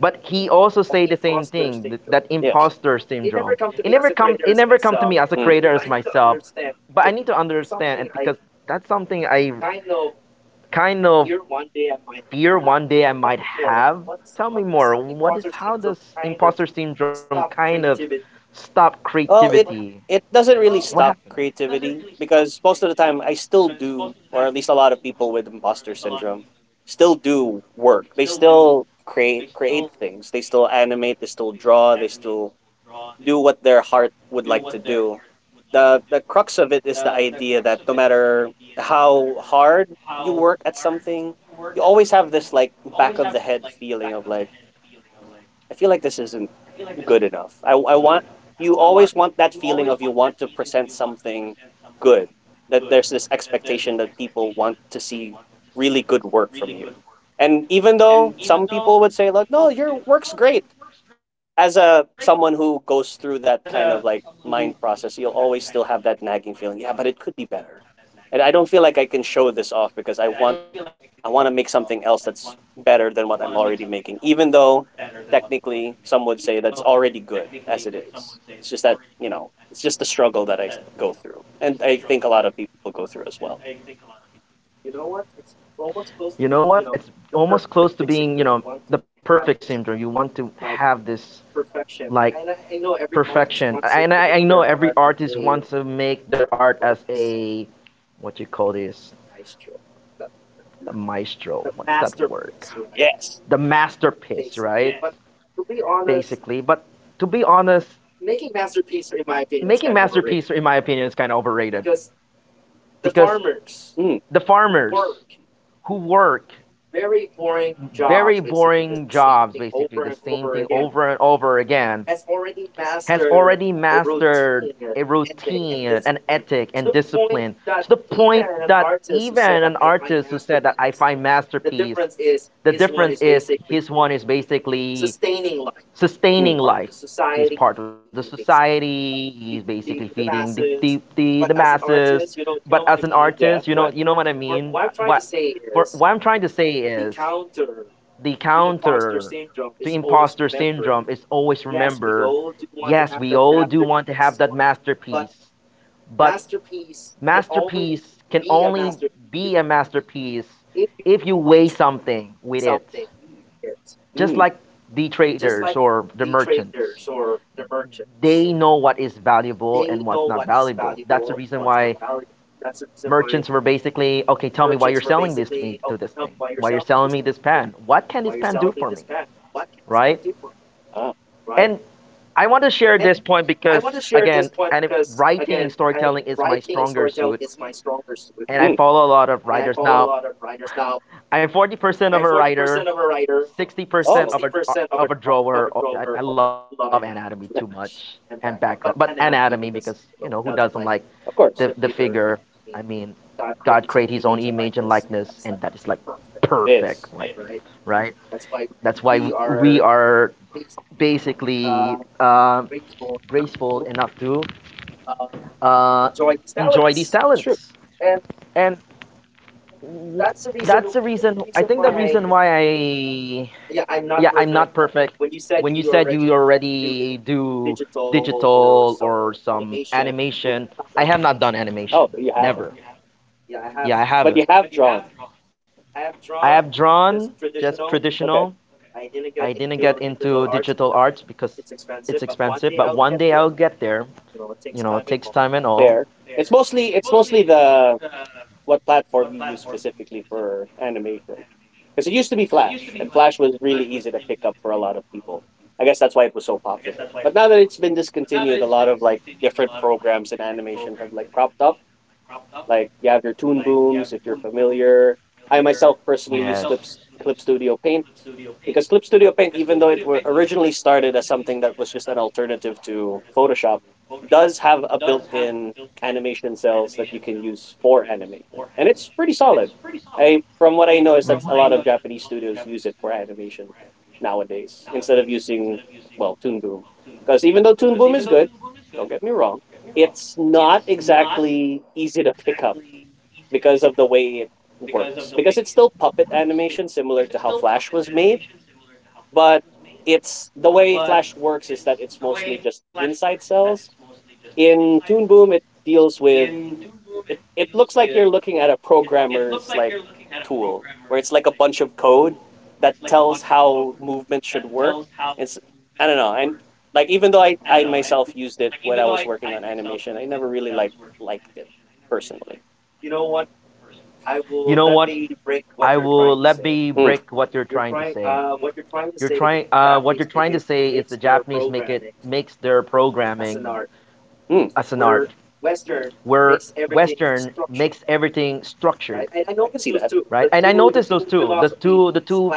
Speaker 1: But he also say the same thing that
Speaker 2: yes.
Speaker 1: imposter syndrome. It never come to me as a creator as myself. But I need to understand and because that's something I kind of fear one day I might have. Tell me more. What is how does imposter syndrome kind of stop
Speaker 2: Well, it
Speaker 1: creativity?
Speaker 2: it doesn't really
Speaker 1: What
Speaker 2: stop
Speaker 1: happened?
Speaker 2: creativity, because most of the time I still do, or at least a lot of people with imposter syndrome still do work. They still create things. They still animate. They still draw. They still do what their heart would like to do. The crux of it is the idea that no matter how hard you work at something, you always have this like back of the head feeling of like, I feel like this isn't good enough. I want you always want that feeling of, you want to present something good. That there's this expectation that people want to see really good work from you. And even though some people would say like, "No, your work's great," as a someone who goes through that kind of like mind process, you'll always still have that nagging feeling. Yeah, but it could be better. And I don't feel like I can show this off because I want to make something else that's better than what I'm already making, even though technically some would say that's already good as it is. It's just that, you know, it's just the struggle that I go through. And I think a lot of people go through as well.
Speaker 1: You know what? It's almost close to being, you know, the perfect syndrome. You want to have this like perfection, and I know every artist wants to make their art as a what you call this, the maestro. What's that word? The
Speaker 2: Yes.
Speaker 1: masterpiece, right? Basically, but to be honest, making masterpiece, in my opinion, is kind of overrated because
Speaker 2: Mm,
Speaker 1: the farmers who work very boring jobs, basically the same thing over and over again has already mastered a routine, an ethic, and discipline to the point that even an artist who said that I find masterpiece, the difference is his one is basically sustaining
Speaker 2: mm.
Speaker 1: life. He's part of the society. He's basically feeding the
Speaker 2: know,
Speaker 1: masses. But as an
Speaker 2: Yeah.
Speaker 1: artist, you know what I mean. What I'm trying to say is the counter to imposter syndrome is always remember, yes, we all do want to have that masterpiece, but masterpiece can only be a masterpiece if you weigh something
Speaker 2: Mm.
Speaker 1: with it, just like the traders or the merchants. They know what is valuable and what's not valuable. That's the reason why merchants were basically, okay, tell me why you're selling this to me to this thing, why you're selling me this pen, what can this pen do for
Speaker 2: Ah.
Speaker 1: me, right? And I want to share this point because again, and if writing and storytelling is my stronger
Speaker 2: Mm.
Speaker 1: suit, and I follow a lot of writers now. I'm 40% of a writer,
Speaker 2: Oh.
Speaker 1: 60% of a drawer. Oh, I love anatomy too much and background, but anatomy because you know who
Speaker 2: Of
Speaker 1: doesn't
Speaker 2: course.
Speaker 1: like the figure? I mean, God created His own image and likeness, and that is like
Speaker 2: It is.
Speaker 1: perfect, right? That's why we are basically graceful enough to uh, enjoy these
Speaker 2: It's true.
Speaker 1: talents. And w- that's the reason, I think the reason why yeah, I'm not perfect. When you said you already do digital or some animation, I have not done
Speaker 2: Oh,
Speaker 1: animation.
Speaker 2: you haven't.
Speaker 1: Never. Yeah, I
Speaker 2: But you
Speaker 1: haven't.
Speaker 2: have drawn.
Speaker 1: I have drawn just
Speaker 2: Okay.
Speaker 1: traditional. I didn't get into digital arts because it's expensive, but one day I'll get there. You know, it takes time and
Speaker 2: Fair.
Speaker 1: all.
Speaker 2: It's mostly the what platform you use specifically for animation. Because it used to be Flash, and Flash was really easy to pick up for a lot of people. I guess that's why it was so popular. But now that it's been discontinued, a lot of like different programs in animation have like cropped up. Like you have your Toon booms if you're familiar. I myself personally use
Speaker 1: Yes.
Speaker 2: Clip Studio Paint, because Clip Studio Paint, even though it were originally started as something that was just an alternative to Photoshop, does have a built-in animation cells that you can use for animation, and it's pretty solid. I from what I know is that a lot of Japanese studios use it for animation nowadays instead of using, well, Toon Boom, because even though Toon Boom is good, don't get me wrong. It's not exactly easy to pick up because of the way it works. Because it's still puppet animation, similar to how Flash was made, but it's the way Flash works is that it's mostly just inside cells. In Toon Boom, it deals with it it looks like you're looking at a programmer's like tool where it's like a bunch of code that tells how movement should work. It's I don't know, and like even though I myself used it when I was working on animation, I never really like liked it personally.
Speaker 1: You know what? I will let me
Speaker 2: Mm,
Speaker 1: break what you're trying to say. You're trying to say is the Japanese makes their programming
Speaker 2: mm,
Speaker 1: as an art, where Western makes everything structured,
Speaker 2: I see that.
Speaker 1: right? And I noticed those two, the two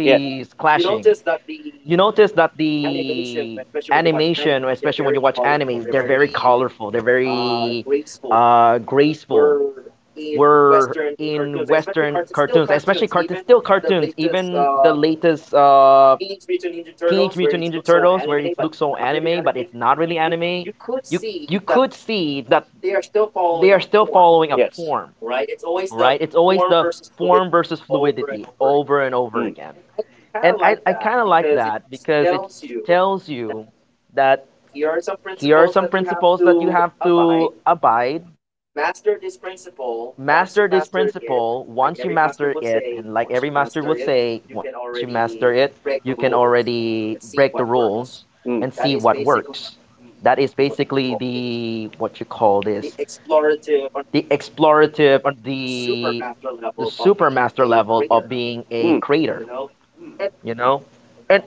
Speaker 2: Yes,
Speaker 1: clashing. You notice that the animation, especially when you watch anime, they're very colorful, they're very graceful, were in Western cartoons, especially still cartoons. Even the latest Teenage Mutant Ninja Turtles, where it looks so anime, but it's not really anime. You you could see that they are still following a
Speaker 2: yes.
Speaker 1: form, right? It's always the form versus fluidity over and over
Speaker 2: Mm,
Speaker 1: again. And I kind of like that because it tells you that here are some principles that you have to abide, master this principle. Once you master it, and like every master would say, once you master it, you can already break the rules and see what
Speaker 2: mm,
Speaker 1: works. That is basically the, what you call this, the explorative, or the super master level of being a
Speaker 2: mm.
Speaker 1: creator, you know. And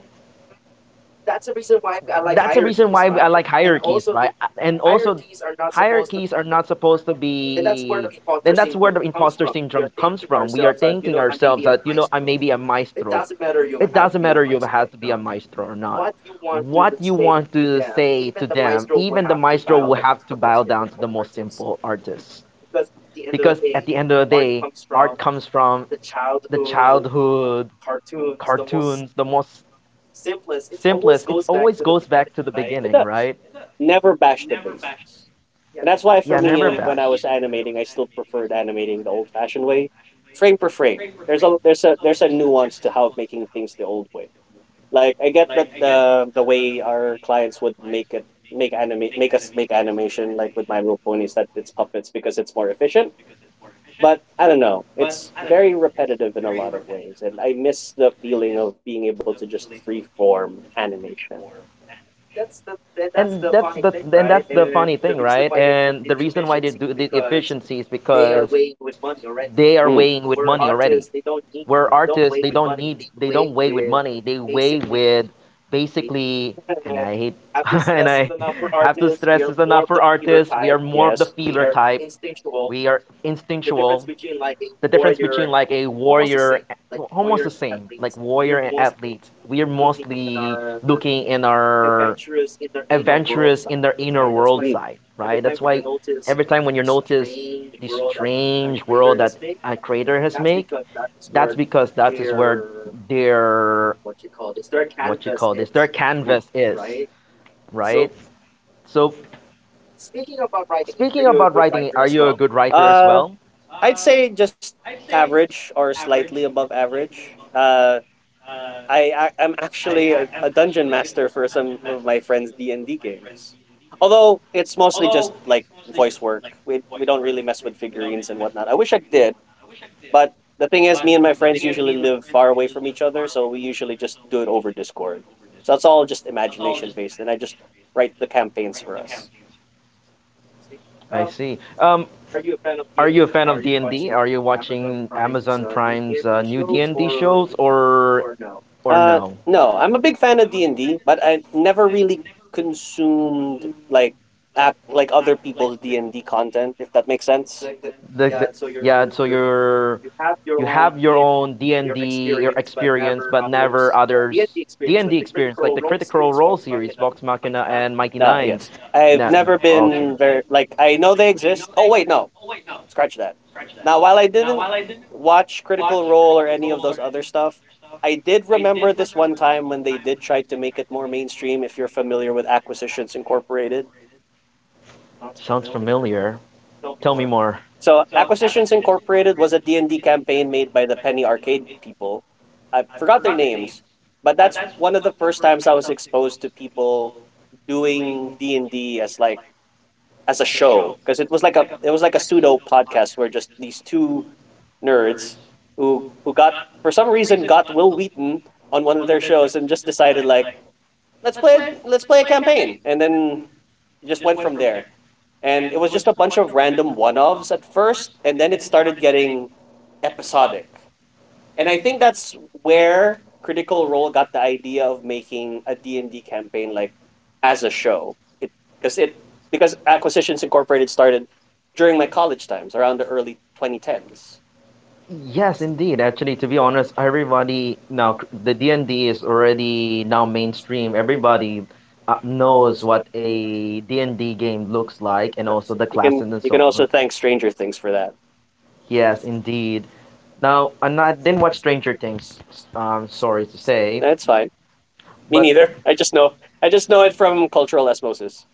Speaker 1: that's the reason why I like hierarchies, right? And also, hierarchies are not supposed to be, then that's where the imposter syndrome comes from. We are thinking ourselves that, you know, I may be a maestro. It doesn't matter, you have to be a maestro or not, what you want to say to them. Even the maestro will have to bow down to the most simple artist, because at the end of the day, art comes from the childhood cartoons, the most simplest. It always goes back to the
Speaker 2: It
Speaker 1: beginning,
Speaker 2: does.
Speaker 1: right?
Speaker 2: Never bash the basics. Yeah. And that's why for
Speaker 1: Yeah,
Speaker 2: me,
Speaker 1: never
Speaker 2: and when
Speaker 1: back.
Speaker 2: I was animating, I still preferred animating the old-fashioned way, frame per frame. There's a nuance to how making things the old way. Like I get that the way our clients would make it, make anime make us make animation like with My Little Pony, is that it's puppets because it's more efficient. But I don't know, it's very repetitive in a lot of ways, and I miss the feeling of being able to just freeform animation.
Speaker 1: And that's the funny thing, right? And the reason why they do the efficiency is because they are weighing
Speaker 2: Mm,
Speaker 1: with money already. Where artists, they don't need, they don't weigh with money. They weigh with, basically, and I hate, and I have to stress this enough for artists. We are more of the
Speaker 2: yes.
Speaker 1: feeler type. We are instinctual. The difference between like a warrior, almost the same, like warrior and athletes. We are mostly looking in our adventurous in their inner world
Speaker 2: Mm.
Speaker 1: side, right? That's why every time when you notice the strange world that a creator has made, that's because that is where their, what you call this, their canvas is, right? So speaking about writing, are you a good writer as
Speaker 2: Uh,
Speaker 1: well?
Speaker 2: I'd say just average or slightly above average. I I'm actually a dungeon master for some of my friends' D and D games. Although it's mostly just like voice work. We don't really mess with figurines and whatnot. I wish I did, but the thing is, me and my friends usually live far away from each other, so we usually just do it over Discord. So it's all just imagination based, and I just write the campaigns for us.
Speaker 1: I see. Are you a fan of D&D? Are you watching Amazon Prime's new D&D shows, or no?
Speaker 2: No, I'm a big fan of D&D, but I never really consumed like app like other people's D&D content if that makes sense. Like
Speaker 1: Sense. The Yeah, so you have your own D&D, your experience, but never others D&D experience, like the Critical Role series, Vox Machina and Mighty Nine.
Speaker 2: Yes. I've
Speaker 1: No, no,
Speaker 2: never
Speaker 1: okay,
Speaker 2: been very like I know they exist. Oh wait, no. Scratch that. Now, while I didn't watch Critical Role or any of those other stuff, I did remember this one time when they did try to make it more mainstream if you're familiar with Acquisitions Incorporated.
Speaker 1: sounds familiar. Tell me more.
Speaker 2: So Acquisitions Incorporated was a D and d campaign made by the Penny Arcade people. I forgot their names, but that's one of the first times I was exposed to people doing D&D as a show because it was like a pseudo podcast where just these two nerds who got for some reason got Will Wheaton on one of their shows and just decided, like, let's play a campaign, and then it just went from there. And it was just a bunch of random one offs at first, and then it started getting episodic. And I think that's where Critical Role got the idea of making a D and d campaign like as a show. It Because it, because Acquisitions Incorporated started during my college times around the early 2010s.
Speaker 1: Yes, indeed. Actually, to be honest, everybody now the D&D is already now mainstream. Everybody knows what a D&D game looks like and also the classes and
Speaker 2: You
Speaker 1: so
Speaker 2: can
Speaker 1: on.
Speaker 2: also thank Stranger Things for that.
Speaker 1: Yes, indeed. Now, I'm not didn't watch Stranger Things, sorry to say,
Speaker 2: That's fine. Me
Speaker 1: but
Speaker 2: neither. I just know it from cultural osmosis.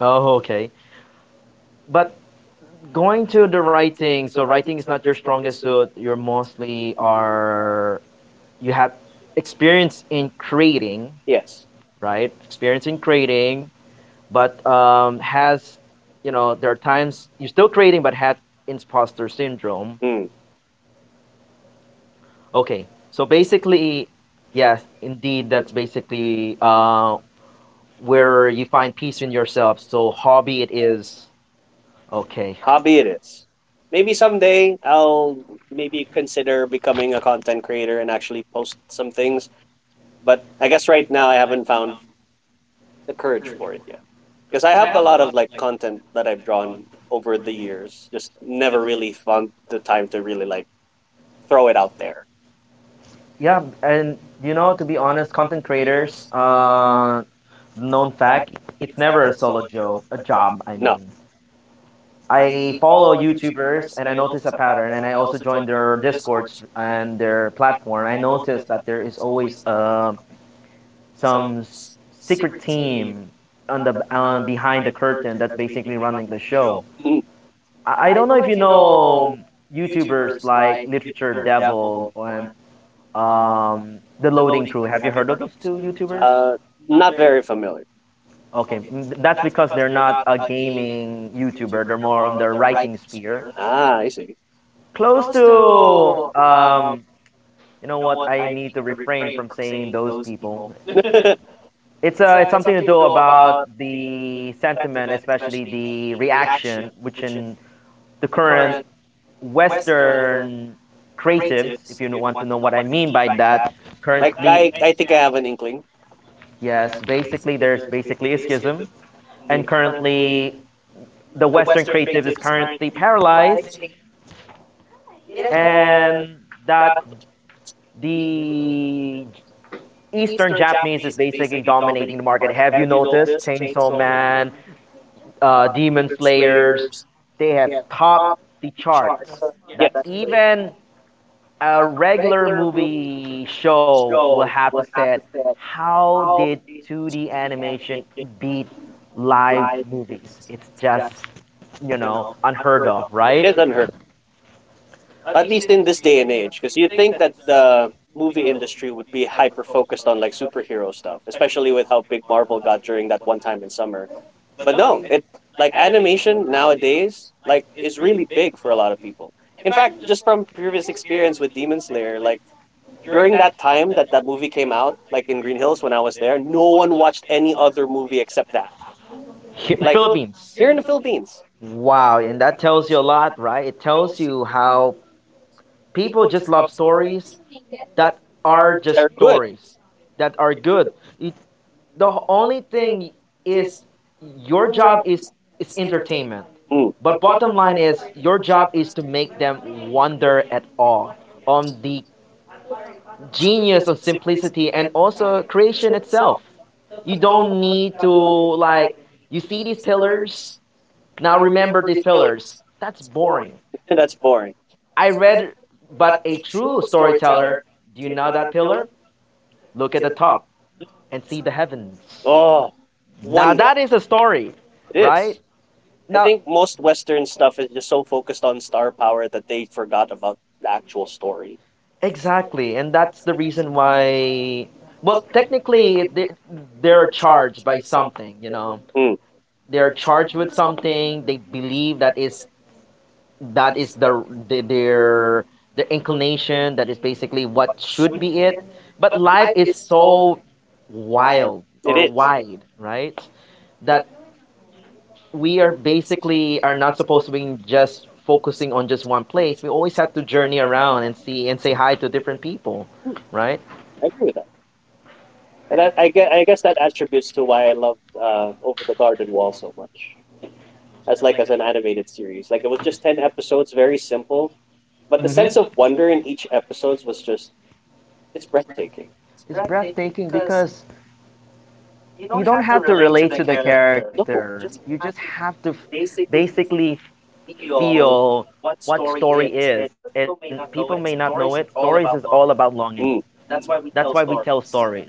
Speaker 1: Oh, okay. But going to the writing, so writing is not your strongest suit. You're mostly, are you have experience in creating,
Speaker 2: Yes.
Speaker 1: right? Experience in creating, but has, you know, there are times you're still creating but had imposter syndrome.
Speaker 2: Hmm.
Speaker 1: Okay, so basically, yes, indeed, that's basically where you find peace in yourself. So hobby it is. Okay.
Speaker 2: Hobby it is. Maybe someday I'll maybe consider becoming a content creator and actually post some things. But I guess right now I haven't found the courage for it yet. Because I have a lot of like content that I've drawn over the years, just never really found the time to really, like, throw it out there.
Speaker 1: Yeah, and, you know, to be honest, content creators, known fact, it's never a solo a job. I
Speaker 2: No.
Speaker 1: mean, I follow YouTubers and I notice a pattern, and I also join their Discord and their platform. I noticed that there is always some secret team on the, behind the curtain that's basically running the show.
Speaker 2: Mm.
Speaker 1: I don't know if you know YouTubers like Literature Devil and um, the Loading Crew. Have you heard of those two YouTubers?
Speaker 2: Uh, Not very familiar.
Speaker 1: Okay, that's because they're not a gaming YouTuber. They're more on the writing sphere
Speaker 2: Ah, I see.
Speaker 1: close to, you know what I need to refrain from saying those people.
Speaker 2: I,
Speaker 1: It's something to do about the sentiment, especially the reaction, which in the current Western creatives, if you want to know what I mean by that, currently
Speaker 2: I I think I have an inkling.
Speaker 1: yes, basically there's basically a schism, and
Speaker 2: Mm.
Speaker 1: currently the Western creative is currently paralyzed, and that the Eastern Japanese is basically dominating the market. Have you noticed Chainsaw Man, Demon Slayers? They have topped the charts. Yeah.
Speaker 2: Yeah.
Speaker 1: That even a regular movie show will have to say, how did 2D animation beat live movies? It's just, unheard of,
Speaker 2: It
Speaker 1: right?
Speaker 2: is unheard At least in this day and age, because you'd think that the movie industry would be hyper focused on like superhero stuff, especially with how big Marvel got during that one time in summer. But no, it like animation nowadays like is really big for a lot of people. In fact, just from previous experience with Demon Slayer, like during that time that movie came out, like in Green Hills when I was there, no one watched any other movie except that. Like
Speaker 1: Philippines.
Speaker 2: here in the Philippines,
Speaker 1: Wow, and that tells you a lot, right? It tells you how people just love stories that are just
Speaker 2: they're good.
Speaker 1: stories that are good. It, the only thing is your job is entertainment.
Speaker 2: Mm,
Speaker 1: But bottom line is your job is to make them wonder at all on the genius of simplicity and also creation itself. You don't need to like, you see these pillars, now remember these pillars. That's boring.
Speaker 2: that's boring.
Speaker 1: I read, but a true storyteller, do you know that pillar? Look at the top and see the heavens.
Speaker 2: Oh,
Speaker 1: Now
Speaker 2: wonder
Speaker 1: that is a story,
Speaker 2: it
Speaker 1: right?
Speaker 2: is. I
Speaker 1: Now,
Speaker 2: think most Western stuff is just so focused on star power that they forgot about the actual story.
Speaker 1: exactly, and that's the reason why. Well, technically, they're charged by something. You know,
Speaker 2: Mm,
Speaker 1: they're charged with something. They believe that is their the- their their inclination that is basically what should be it, but life is so wild
Speaker 2: it
Speaker 1: or
Speaker 2: is.
Speaker 1: wide, right? That we are basically are not supposed to be just focusing on just one place, we always have to journey around and see and say hi to different people, right?
Speaker 2: I agree with that, and that, I guess that attributes to why I loved Over the Garden Wall so much, as an animated series. Like it was just 10 episodes, very simple, but the sense of wonder in each episode was just it's breathtaking.
Speaker 1: It's breathtaking because you don't have to relate to the character,
Speaker 2: No,
Speaker 1: you just have to basically feel what story is. And people may not know it. Stories is all about longing.
Speaker 2: Mm.
Speaker 1: That's why we tell stories.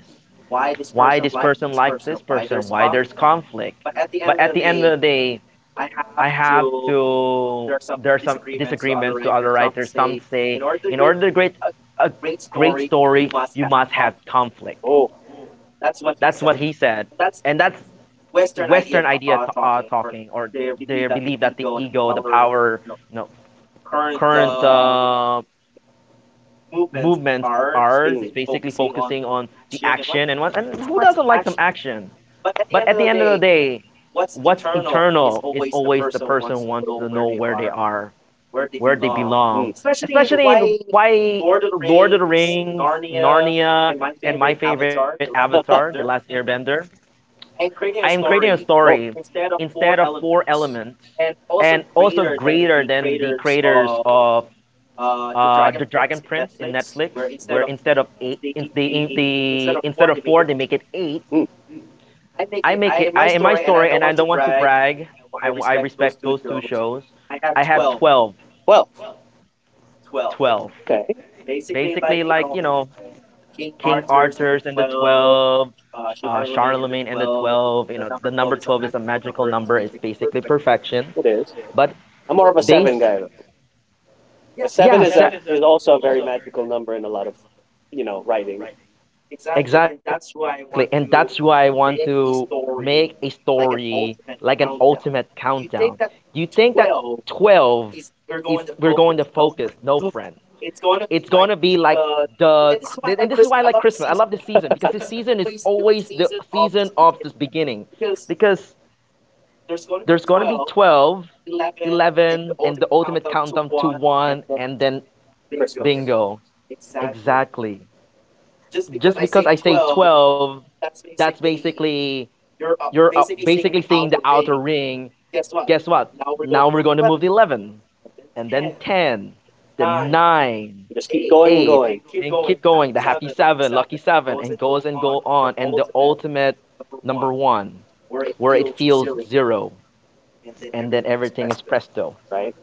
Speaker 1: Why this person liked this person, why there's conflict. But at the end of the day, I have to. There are some disagreements to other writers. Some say, in order to create a great story, you must have conflict.
Speaker 2: Oh,
Speaker 1: That's what he said. And that's Western idea, talking, or they believe that the ego, the power, you know, current movements are. Just basically
Speaker 2: mm.
Speaker 1: focusing on the action and what. And who doesn't like some action? But at the end of the day, what's internal is always the person wants to know where they are, where they
Speaker 2: Mm.
Speaker 1: belong. Especially in why Lord of the Rings, Narnia, and my favorite Avatar, The Last Airbender. I am creating a
Speaker 2: Oh.
Speaker 1: story instead of four elements and also greater than the creators of the Dragon Prince in Netflix, where instead of four, they make it eight.
Speaker 2: Mm.
Speaker 1: I make it. I in my story, and I don't want to brag. I respect those two shows. I have
Speaker 2: Well,
Speaker 1: 12.
Speaker 2: okay.
Speaker 1: Basically, like, King Arthur's and the 12, Charlemagne and the 12. You know, the number 12 is a magical number. It's basically perfection.
Speaker 2: It is.
Speaker 1: But
Speaker 2: I'm more of a
Speaker 1: they,
Speaker 2: seven guy though. Yeah. Seven
Speaker 1: yeah,
Speaker 2: is a is also a very magical number in a lot of you know writing.
Speaker 1: exactly, and that's why I want to make a story like an ultimate countdown. You think that 12 is we're going to focus? No, friend. It's going to be like the and this is why I like Christmas. I love this season because this season is always the season of this beginning, because there's going to be 12, 11, and the ultimate countdown to 1 and then
Speaker 2: You
Speaker 1: bingo. Exactly. Just because I say 12, that's basically you're, basically seeing the outer ring. Guess what? Now we're going to move to 11, and then 10, then 9,
Speaker 2: just keep eight, going and
Speaker 1: 8,
Speaker 2: going.
Speaker 1: and keep going. The happy
Speaker 2: Seven,
Speaker 1: 7, lucky 7, and goes and go on. And the ultimate number 1, where it feels 0, and then everything is presto.
Speaker 2: right.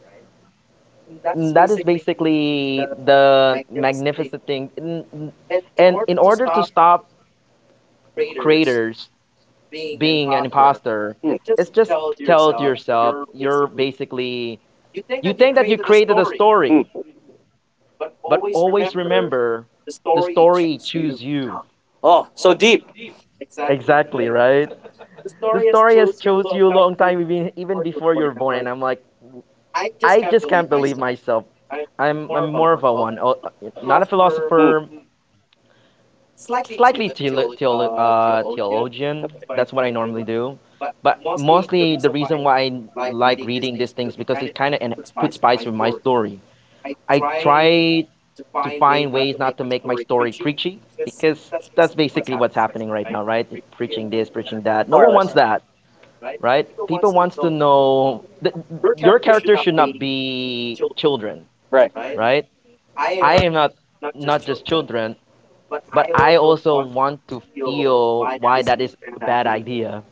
Speaker 1: And that is basically the magnificent thing. And in order to stop creators being an imposter,
Speaker 2: Mm. And
Speaker 1: it's just tell to yourself you're basically. You think that you created a story,
Speaker 2: Mm.
Speaker 1: but always remember, the story chose you.
Speaker 2: Oh, so deep.
Speaker 1: Exactly, right? The story has chose you a long time, even before you're born, and I'm like, I just can't believe myself. I'm more of a one oh, not a philosopher,
Speaker 2: Mm,
Speaker 1: slightly theologian,
Speaker 2: that's
Speaker 1: that's what I normally do. But mostly the reason why I like reading these things, because it kind of puts spice with my story. I try to find ways not to make my story preachy, because that's basically what's happening right now, right? Preaching this, preaching that. No
Speaker 2: more or
Speaker 1: one wants
Speaker 2: less.
Speaker 1: that, right? People wants to know that your character should not be children,
Speaker 2: Right.
Speaker 1: right? I am not, not just children, but I also want to feel why that is a bad idea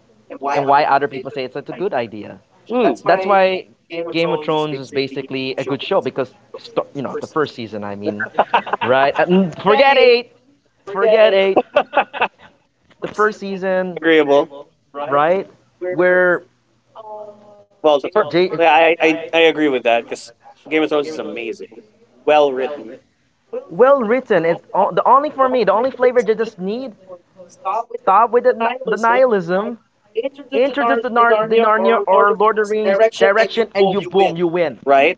Speaker 1: and why other people say it's such a good idea.
Speaker 2: Mm.
Speaker 1: That's why Game of Thrones is basically a good show, because you know the first season. I mean, right? Forget eight. forget eight, the first season,
Speaker 2: Agreeable.
Speaker 1: right? Where
Speaker 2: Well, the first.
Speaker 1: J-
Speaker 2: Yeah, I I agree with that because Game of Thrones is amazing, well written,
Speaker 1: well written. It's the only for me. The only flavor they just need. Stop with the nihilism. Introduce the Narnia or Lord of the Rings direction, and you boom, you win.
Speaker 2: right?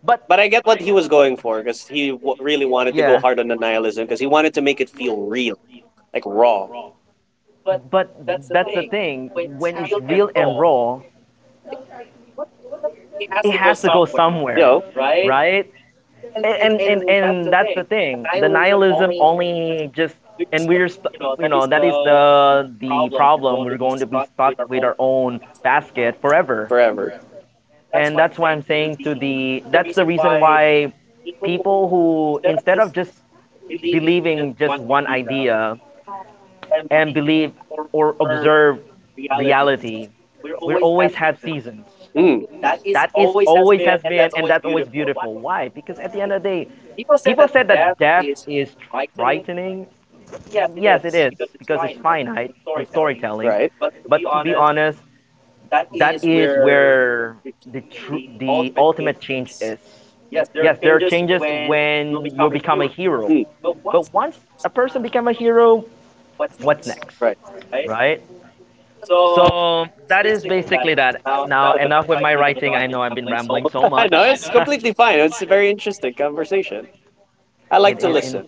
Speaker 1: But
Speaker 2: But I get what he was going for because he w- really wanted to go
Speaker 1: yeah,
Speaker 2: hard on the nihilism because he wanted to make it feel real, like raw,
Speaker 1: but that's the thing. When it's real and raw, it has to go
Speaker 2: you
Speaker 1: somewhere,
Speaker 2: know,
Speaker 1: right? And that's the thing, the nihilism only just, and we're you know that is the problem, we're going to be stuck with our own basket forever.
Speaker 2: forever.
Speaker 1: And that's why I'm saying to the that's the reason why people who, instead of just believing just one idea, and believe or observe reality, we always have seasons
Speaker 2: Mm,
Speaker 1: that is always has been, and that's always beautiful. Why? Because at the end of the day, people said that death is frightening. Yes, it is, because it's finite in storytelling.
Speaker 2: right.
Speaker 1: But to be honest, that is where the ultimate change is. Yes, there are changes when you become a hero.
Speaker 2: Mm,
Speaker 1: But once a person become a hero, what's next?
Speaker 2: right.
Speaker 1: Right? So that is basically that. Now enough with my writing. I know I've been rambling so
Speaker 2: I
Speaker 1: much.
Speaker 2: know it's completely fine. It's a very interesting conversation. I
Speaker 1: in,
Speaker 2: like to
Speaker 1: in, like in, those.
Speaker 2: listen.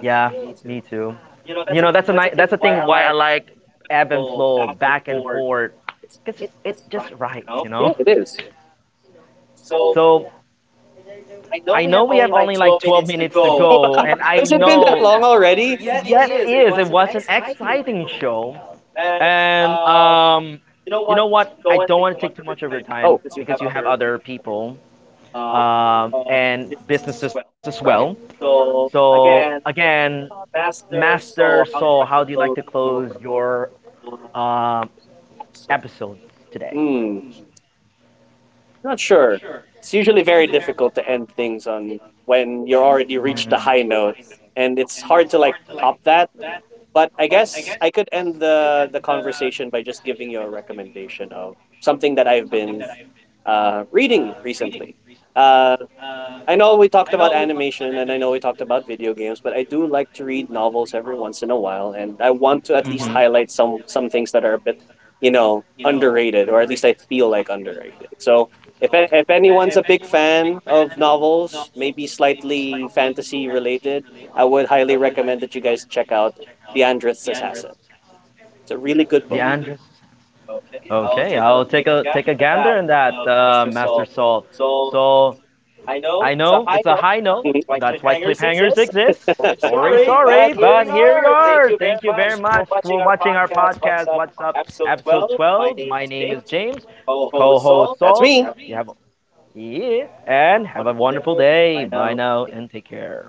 Speaker 1: Yeah, me too. You know, that's a nice, that's the thing why I like ebb and flow back and forth, because it, just right,
Speaker 2: Yeah, it is.
Speaker 1: so I know we have only like 12 minutes to go, and I
Speaker 2: Has it been that
Speaker 1: know,
Speaker 2: long already?
Speaker 1: yet it was an exciting show. And you know what, I don't want to take too much of your
Speaker 2: Oh,
Speaker 1: time because you have other people, and businesses as well.
Speaker 2: right.
Speaker 1: So again, Master Soul, how do you like to close your um episode today.
Speaker 2: Hmm. Not sure. It's usually very difficult to end things on when you're already reached the high note, and it's hard to like top that. But I guess I could end the conversation by just giving you a recommendation of something that I've been reading recently. Uh, I know we talked about animation and I know we talked about video games, but I do like to read novels every once in a while, and I want
Speaker 1: Mhm.
Speaker 2: to at
Speaker 1: Mhm.
Speaker 2: least highlight some things that are a bit, you know, underrated, or at least I feel like underrated. So if if anyone's a big fan of novels, maybe slightly fantasy related, I would highly recommend that you guys check out *The Andrith's Assassin*. It's a really
Speaker 1: Are
Speaker 2: good
Speaker 1: The
Speaker 2: book.
Speaker 1: Andres. Okay, I'll take a gander in that, Master Saul. So I know it's a high note.
Speaker 2: Mhm.
Speaker 1: That's why cliffhangers exist. Sorry, sorry, but here we are. Thank you very much for watching our podcast. What's up, episode 12. My name is James,
Speaker 2: Ho ho Saul.
Speaker 1: co-host
Speaker 2: That's
Speaker 1: Saul.
Speaker 2: me.
Speaker 1: That's you, me. Have yeah, and have a wonderful day. Bye now and take care.